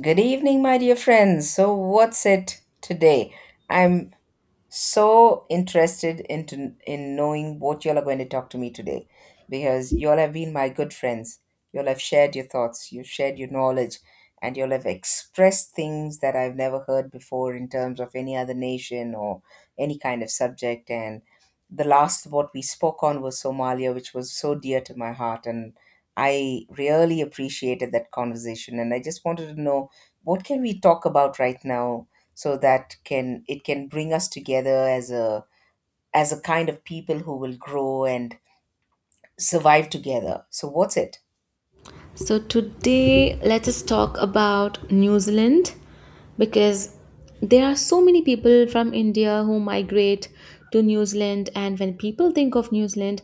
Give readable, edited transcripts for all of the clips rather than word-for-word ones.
Good evening, my dear friends. So, what's it today? I'm so interested into in knowing what you all are going to talk to me today, because you all have been my good friends, you all have shared your thoughts, you've shared your knowledge, and you all have expressed things that I've never heard before in terms of any other nation or any kind of subject. And the last what we spoke on was Somalia, which was so dear to my heart, and I really appreciated that conversation. And I just wanted to know, what can we talk about right now so that can it can bring us together as a kind of people who will grow and survive together? So what's it? So, today let us talk about New Zealand because there are so many people from India who migrate to New Zealand, and when people think of New Zealand,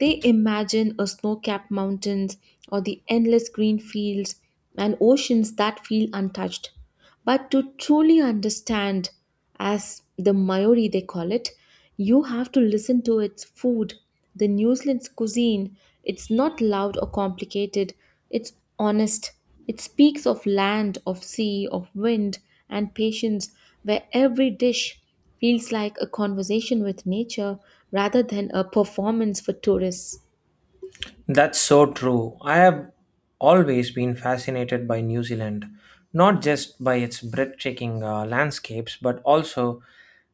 they imagine a snow capped mountains or the endless green fields and oceans that feel untouched. But to truly understand, as the Maori they call it, you have to listen to its food, the New Zealand's cuisine. It's not loud or complicated, it's honest. It speaks of land, of sea, of wind, and patience, where every dish feels like a conversation with nature rather than a performance for tourists. That's so true. I have always been fascinated by New Zealand, not just by its breathtaking landscapes, but also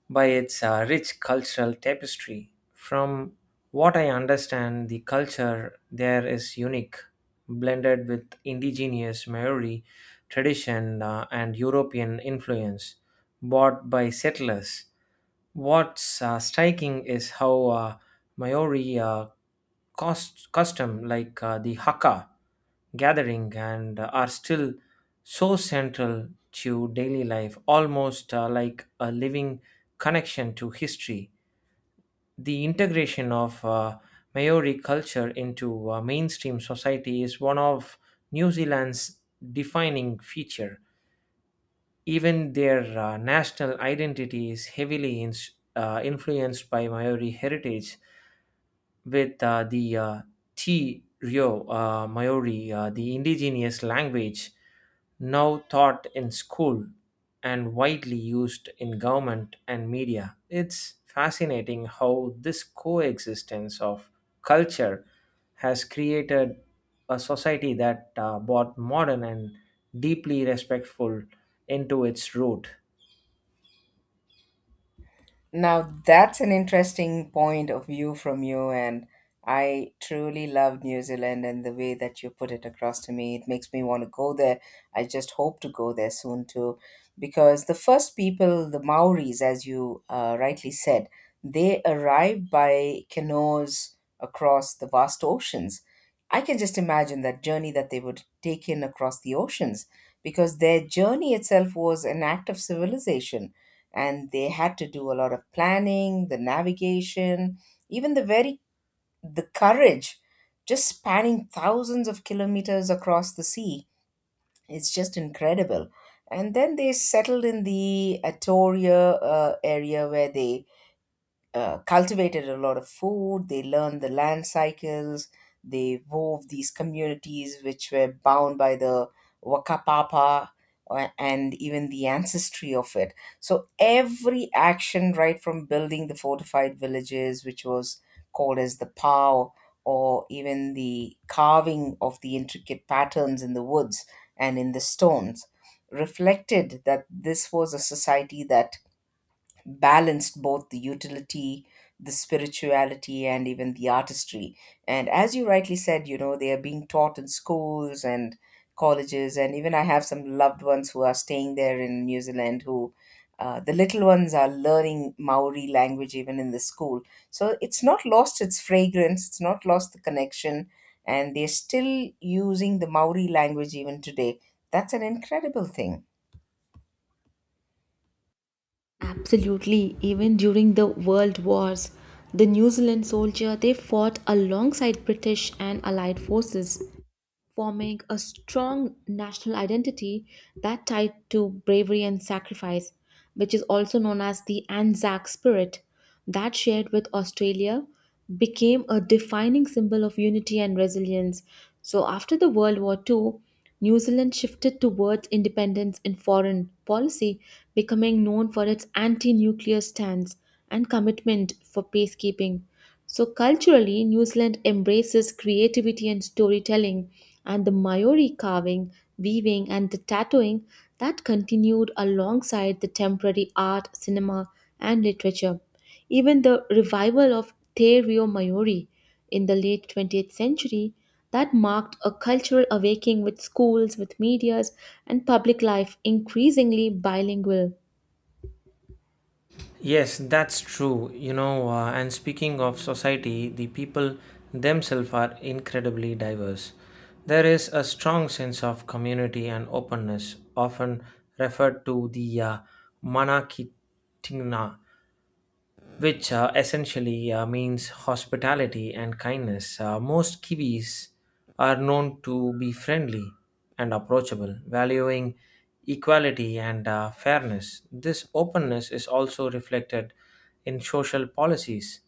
by its rich cultural tapestry. From what I understand, the culture there is unique, blended with indigenous Maori tradition and European influence brought by settlers. What's striking is how Maori custom like the haka gathering and are still so central to daily life, almost like a living connection to history. The integration of Maori culture into mainstream society is one of New Zealand's defining feature. Even their national identity is heavily influenced by Maori heritage with the Ti Rio Maori, the indigenous language now taught in school and widely used in government and media. It's fascinating how this coexistence of culture has created a society that both modern and deeply respectful into its root. Now that's an interesting point of view from you, and I truly love New Zealand and the way that you put it across to me. It makes me want to go there. I just hope to go there soon too, because the first people, the Maoris, as you rightly said, they arrived by canoes across the vast oceans. I can just imagine that journey that they would take in across the oceans, because their journey itself was an act of civilization, and they had to do a lot of planning, the navigation, even the very, the courage, just spanning thousands of kilometers across the sea. It's just incredible. And then they settled in the Atoria area, where they cultivated a lot of food, they learned the land cycles, they wove these communities which were bound by the Wakapapa, and even the ancestry of it. So every action, right from building the fortified villages, which was called as the POW, or even the carving of the intricate patterns in the woods and in the stones, reflected that this was a society that balanced both the utility, the spirituality, and even the artistry. And as you rightly said, you know, they are being taught in schools and colleges. And even I have some loved ones who are staying there in New Zealand who. The little ones are learning Maori language even in the school. So it's not lost its fragrance, it's not lost the connection, and they're still using the Maori language even today. That's an incredible thing. Absolutely, even during the World Wars, the New Zealand soldier they fought alongside British and Allied forces forming a strong national identity that tied to bravery and sacrifice, which is also known as the Anzac spirit, that shared with Australia became a defining symbol of unity and resilience. So, after the World War II, New Zealand shifted towards independence in foreign policy, becoming known for its anti nuclear stance and commitment for peacekeeping. So, culturally, New Zealand embraces creativity and storytelling, and the Maori carving, weaving, and the tattooing that continued alongside the temporary art, cinema, and literature. Even the revival of Te Reo Maori in the late 20th century that marked a cultural awakening with schools, with medias, and public life increasingly bilingual. Yes, that's true. You know, and speaking of society, the people themselves are incredibly diverse. There is a strong sense of community and openness, often referred to the Manakitina which essentially means hospitality and kindness. Most Kiwis are known to be friendly and approachable, valuing equality and fairness. This openness is also reflected in social policies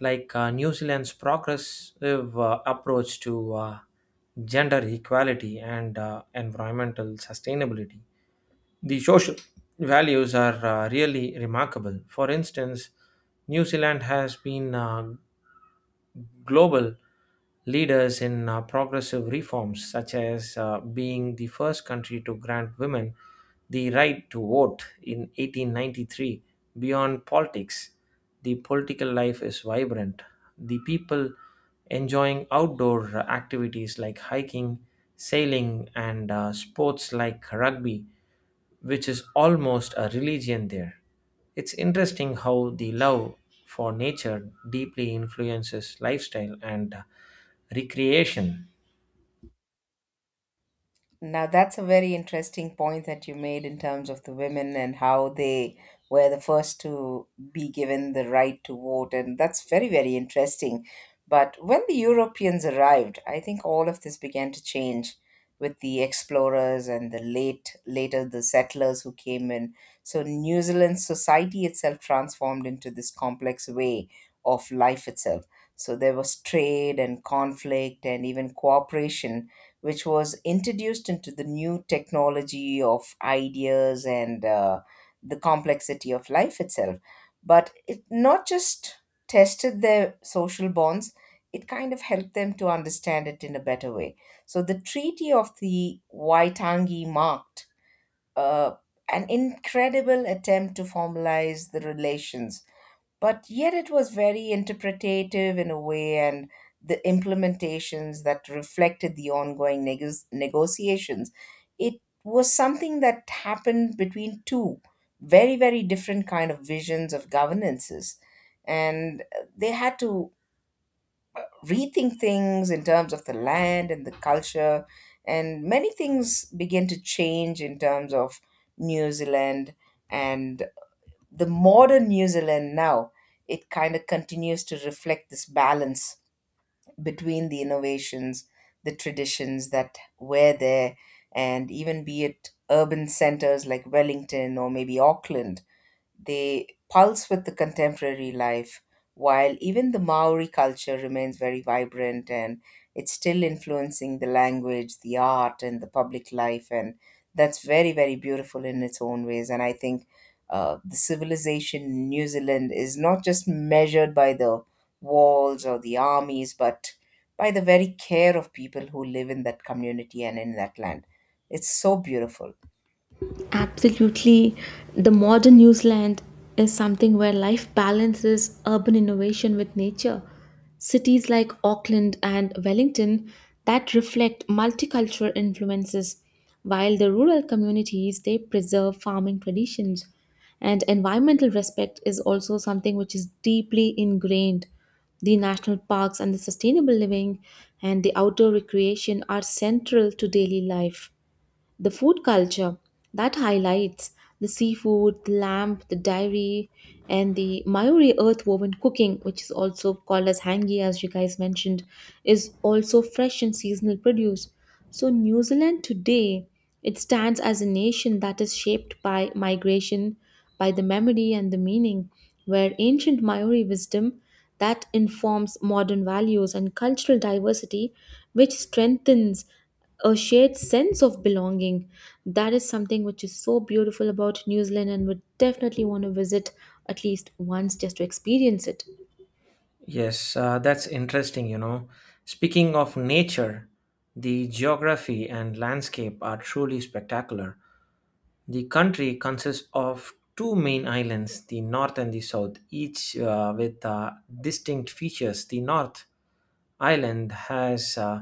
like New Zealand's progressive approach to gender equality and environmental sustainability. The social values are really remarkable. For instance, New Zealand has been global leaders in progressive reforms, such as being the first country to grant women the right to vote in 1893. Beyond politics, the political life is vibrant. The people enjoying outdoor activities like hiking, sailing, and sports like rugby which is almost a religion there. It's interesting how the love for nature deeply influences lifestyle and recreation. Now, that's a very interesting point that you made in terms of the women and how they were the first to be given the right to vote. And that's very, very interesting. But when the Europeans arrived, I think all of this began to change with the explorers and the late, later the settlers who came in. So New Zealand's society itself transformed into this complex way of life itself. So there was trade and conflict and even cooperation, which was introduced into the new technology of ideas and the complexity of life itself. But it not just tested their social bonds, it kind of helped them to understand it in a better way. So the Treaty of the Waitangi marked uh, an incredible attempt to formalize the relations, but yet it was very interpretative in a way, and the implementations that reflected the ongoing negotiations, it was something that happened between two very, very different kind of visions of governances, and they had to rethink things in terms of the land and the culture, and many things began to change in terms of New Zealand. And the modern New Zealand now, it kind of continues to reflect this balance between the innovations, the traditions that were there, and even be it urban centers like Wellington or maybe Auckland. They pulse with the contemporary life, while even the Maori culture remains very vibrant and it's still influencing the language, the art, and the public life. And that's very, very beautiful in its own ways. And I think the civilization in New Zealand is not just measured by the walls or the armies, but by the very care of people who live in that community and in that land. It's so beautiful. Absolutely, the modern New Zealand is something where life balances urban innovation with nature. Cities like Auckland and Wellington that reflect multicultural influences, while the rural communities they preserve farming traditions. And environmental respect is also something which is deeply ingrained. The national parks and the sustainable living and the outdoor recreation are central to daily life. The food culture that highlights the seafood, the lamb, the dairy, and the Mayuri earth-woven cooking, which is also called as hangi, as you guys mentioned, is also fresh and seasonal produce. So New Zealand today, it stands as a nation that is shaped by migration, by the memory and the meaning, where ancient Maori wisdom that informs modern values and cultural diversity, which strengthens a shared sense of belonging. That is something which is so beautiful about New Zealand and would definitely want to visit at least once just to experience it. Yes, that's interesting, you know. Speaking of nature, the geography and landscape are truly spectacular. The country consists of two main islands, the north and the south, each with distinct features. The north Ireland has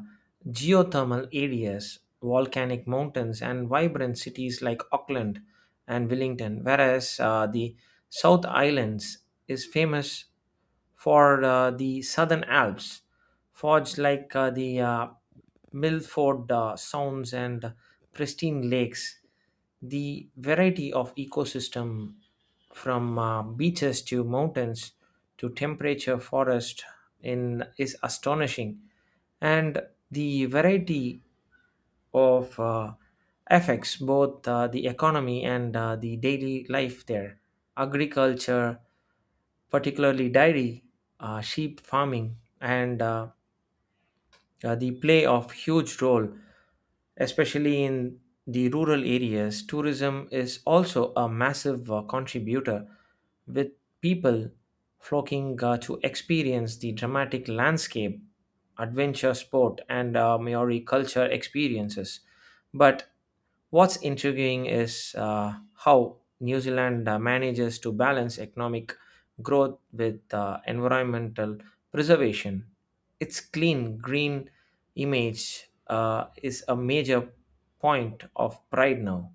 geothermal areas, volcanic mountains, and vibrant cities like Auckland and Wellington, whereas the South Islands is famous for the Southern Alps, forged like the Milford Sounds and pristine lakes. The variety of ecosystem from beaches to mountains to temperature forest in is astonishing and the variety of affects both the economy and the daily life there. Agriculture, particularly dairy, sheep farming, and the play of huge role. Especially in the rural areas, tourism is also a massive contributor, with people flocking to experience the dramatic landscape, adventure sport, and Maori culture experiences. But what's intriguing is how New Zealand manages to balance economic growth with environmental preservation. Its clean, green image is a major point of pride now.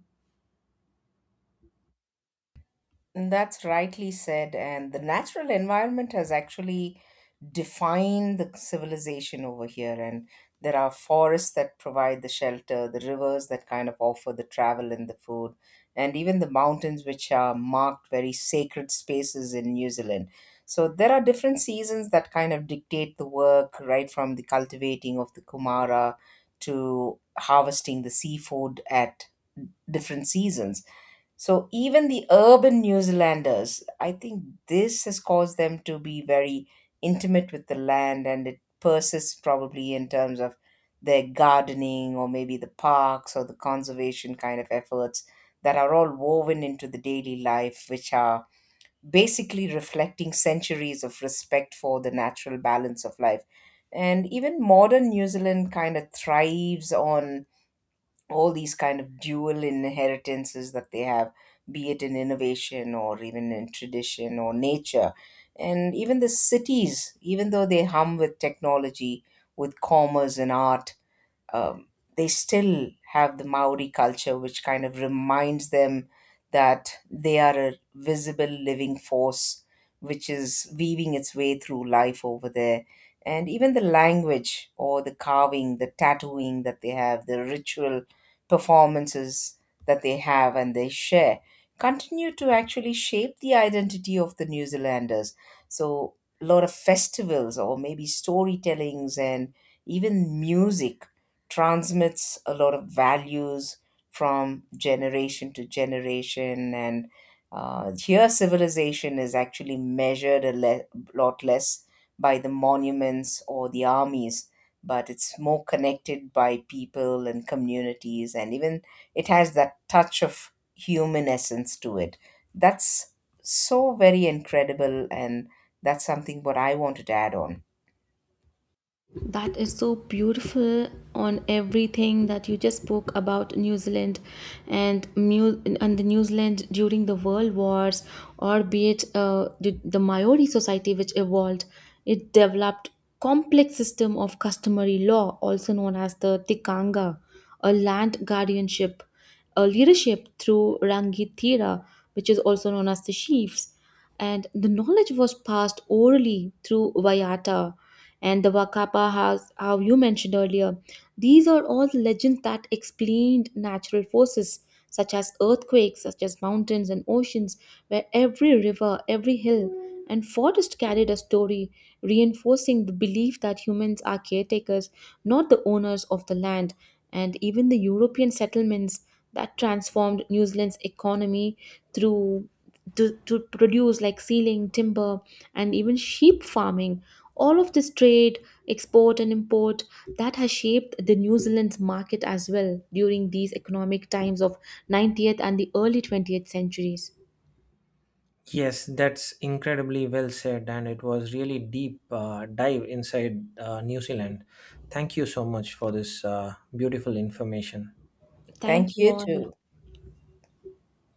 That's rightly said. And the natural environment has actually defined the civilization over here. And there are forests that provide the shelter, the rivers that kind of offer the travel and the food, and even the mountains, which are marked very sacred spaces in New Zealand. So there are different seasons that kind of dictate the work, right from the cultivating of the kumara to harvesting the seafood at different seasons. So even the urban New Zealanders, I think this has caused them to be very intimate with the land, and it persists probably in terms of their gardening or maybe the parks or the conservation kind of efforts that are all woven into the daily life, which are basically reflecting centuries of respect for the natural balance of life. And even modern New Zealand kind of thrives on all these kind of dual inheritances that they have, be it in innovation or even in tradition or nature. And even the cities, even though they hum with technology, with commerce and art, um, they still have the Maori culture, which kind of reminds them that they are a visible living force, which is weaving its way through life over there. And even the language or the carving, the tattooing that they have, the ritual performances that they have and they share continue to actually shape the identity of the New Zealanders. So, a lot of festivals or maybe storytellings and even music transmits a lot of values from generation to generation, and here civilization is actually measured a lot less by the monuments or the armies, but it's more connected by people and communities, and even it has that touch of human essence to it. That's so very incredible, and that's something what I wanted to add on. That is so beautiful on everything that you just spoke about New Zealand and and the New Zealand during the World Wars, or be it the Maori society which evolved, it developed complex system of customary law, also known as the tikanga, a land guardianship, a leadership through rangitira, which is also known as the chiefs, and the knowledge was passed orally through vayata and the Wakapa house, how you mentioned earlier. These are all the legends that explained natural forces such as earthquakes, such as mountains and oceans, where every river, every hill, and forest carried a story, reinforcing the belief that humans are caretakers, not the owners of the land. And even the European settlements that transformed New Zealand's economy through to produce like sealing, timber, and even sheep farming, all of this trade, export and import, that has shaped the new zealand's market as well during these economic times of 90th and the early 20th centuries. Yes, that's incredibly well said, and it was really deep dive inside New Zealand. Thank you so much for this beautiful information. Thank Thank you you all. too.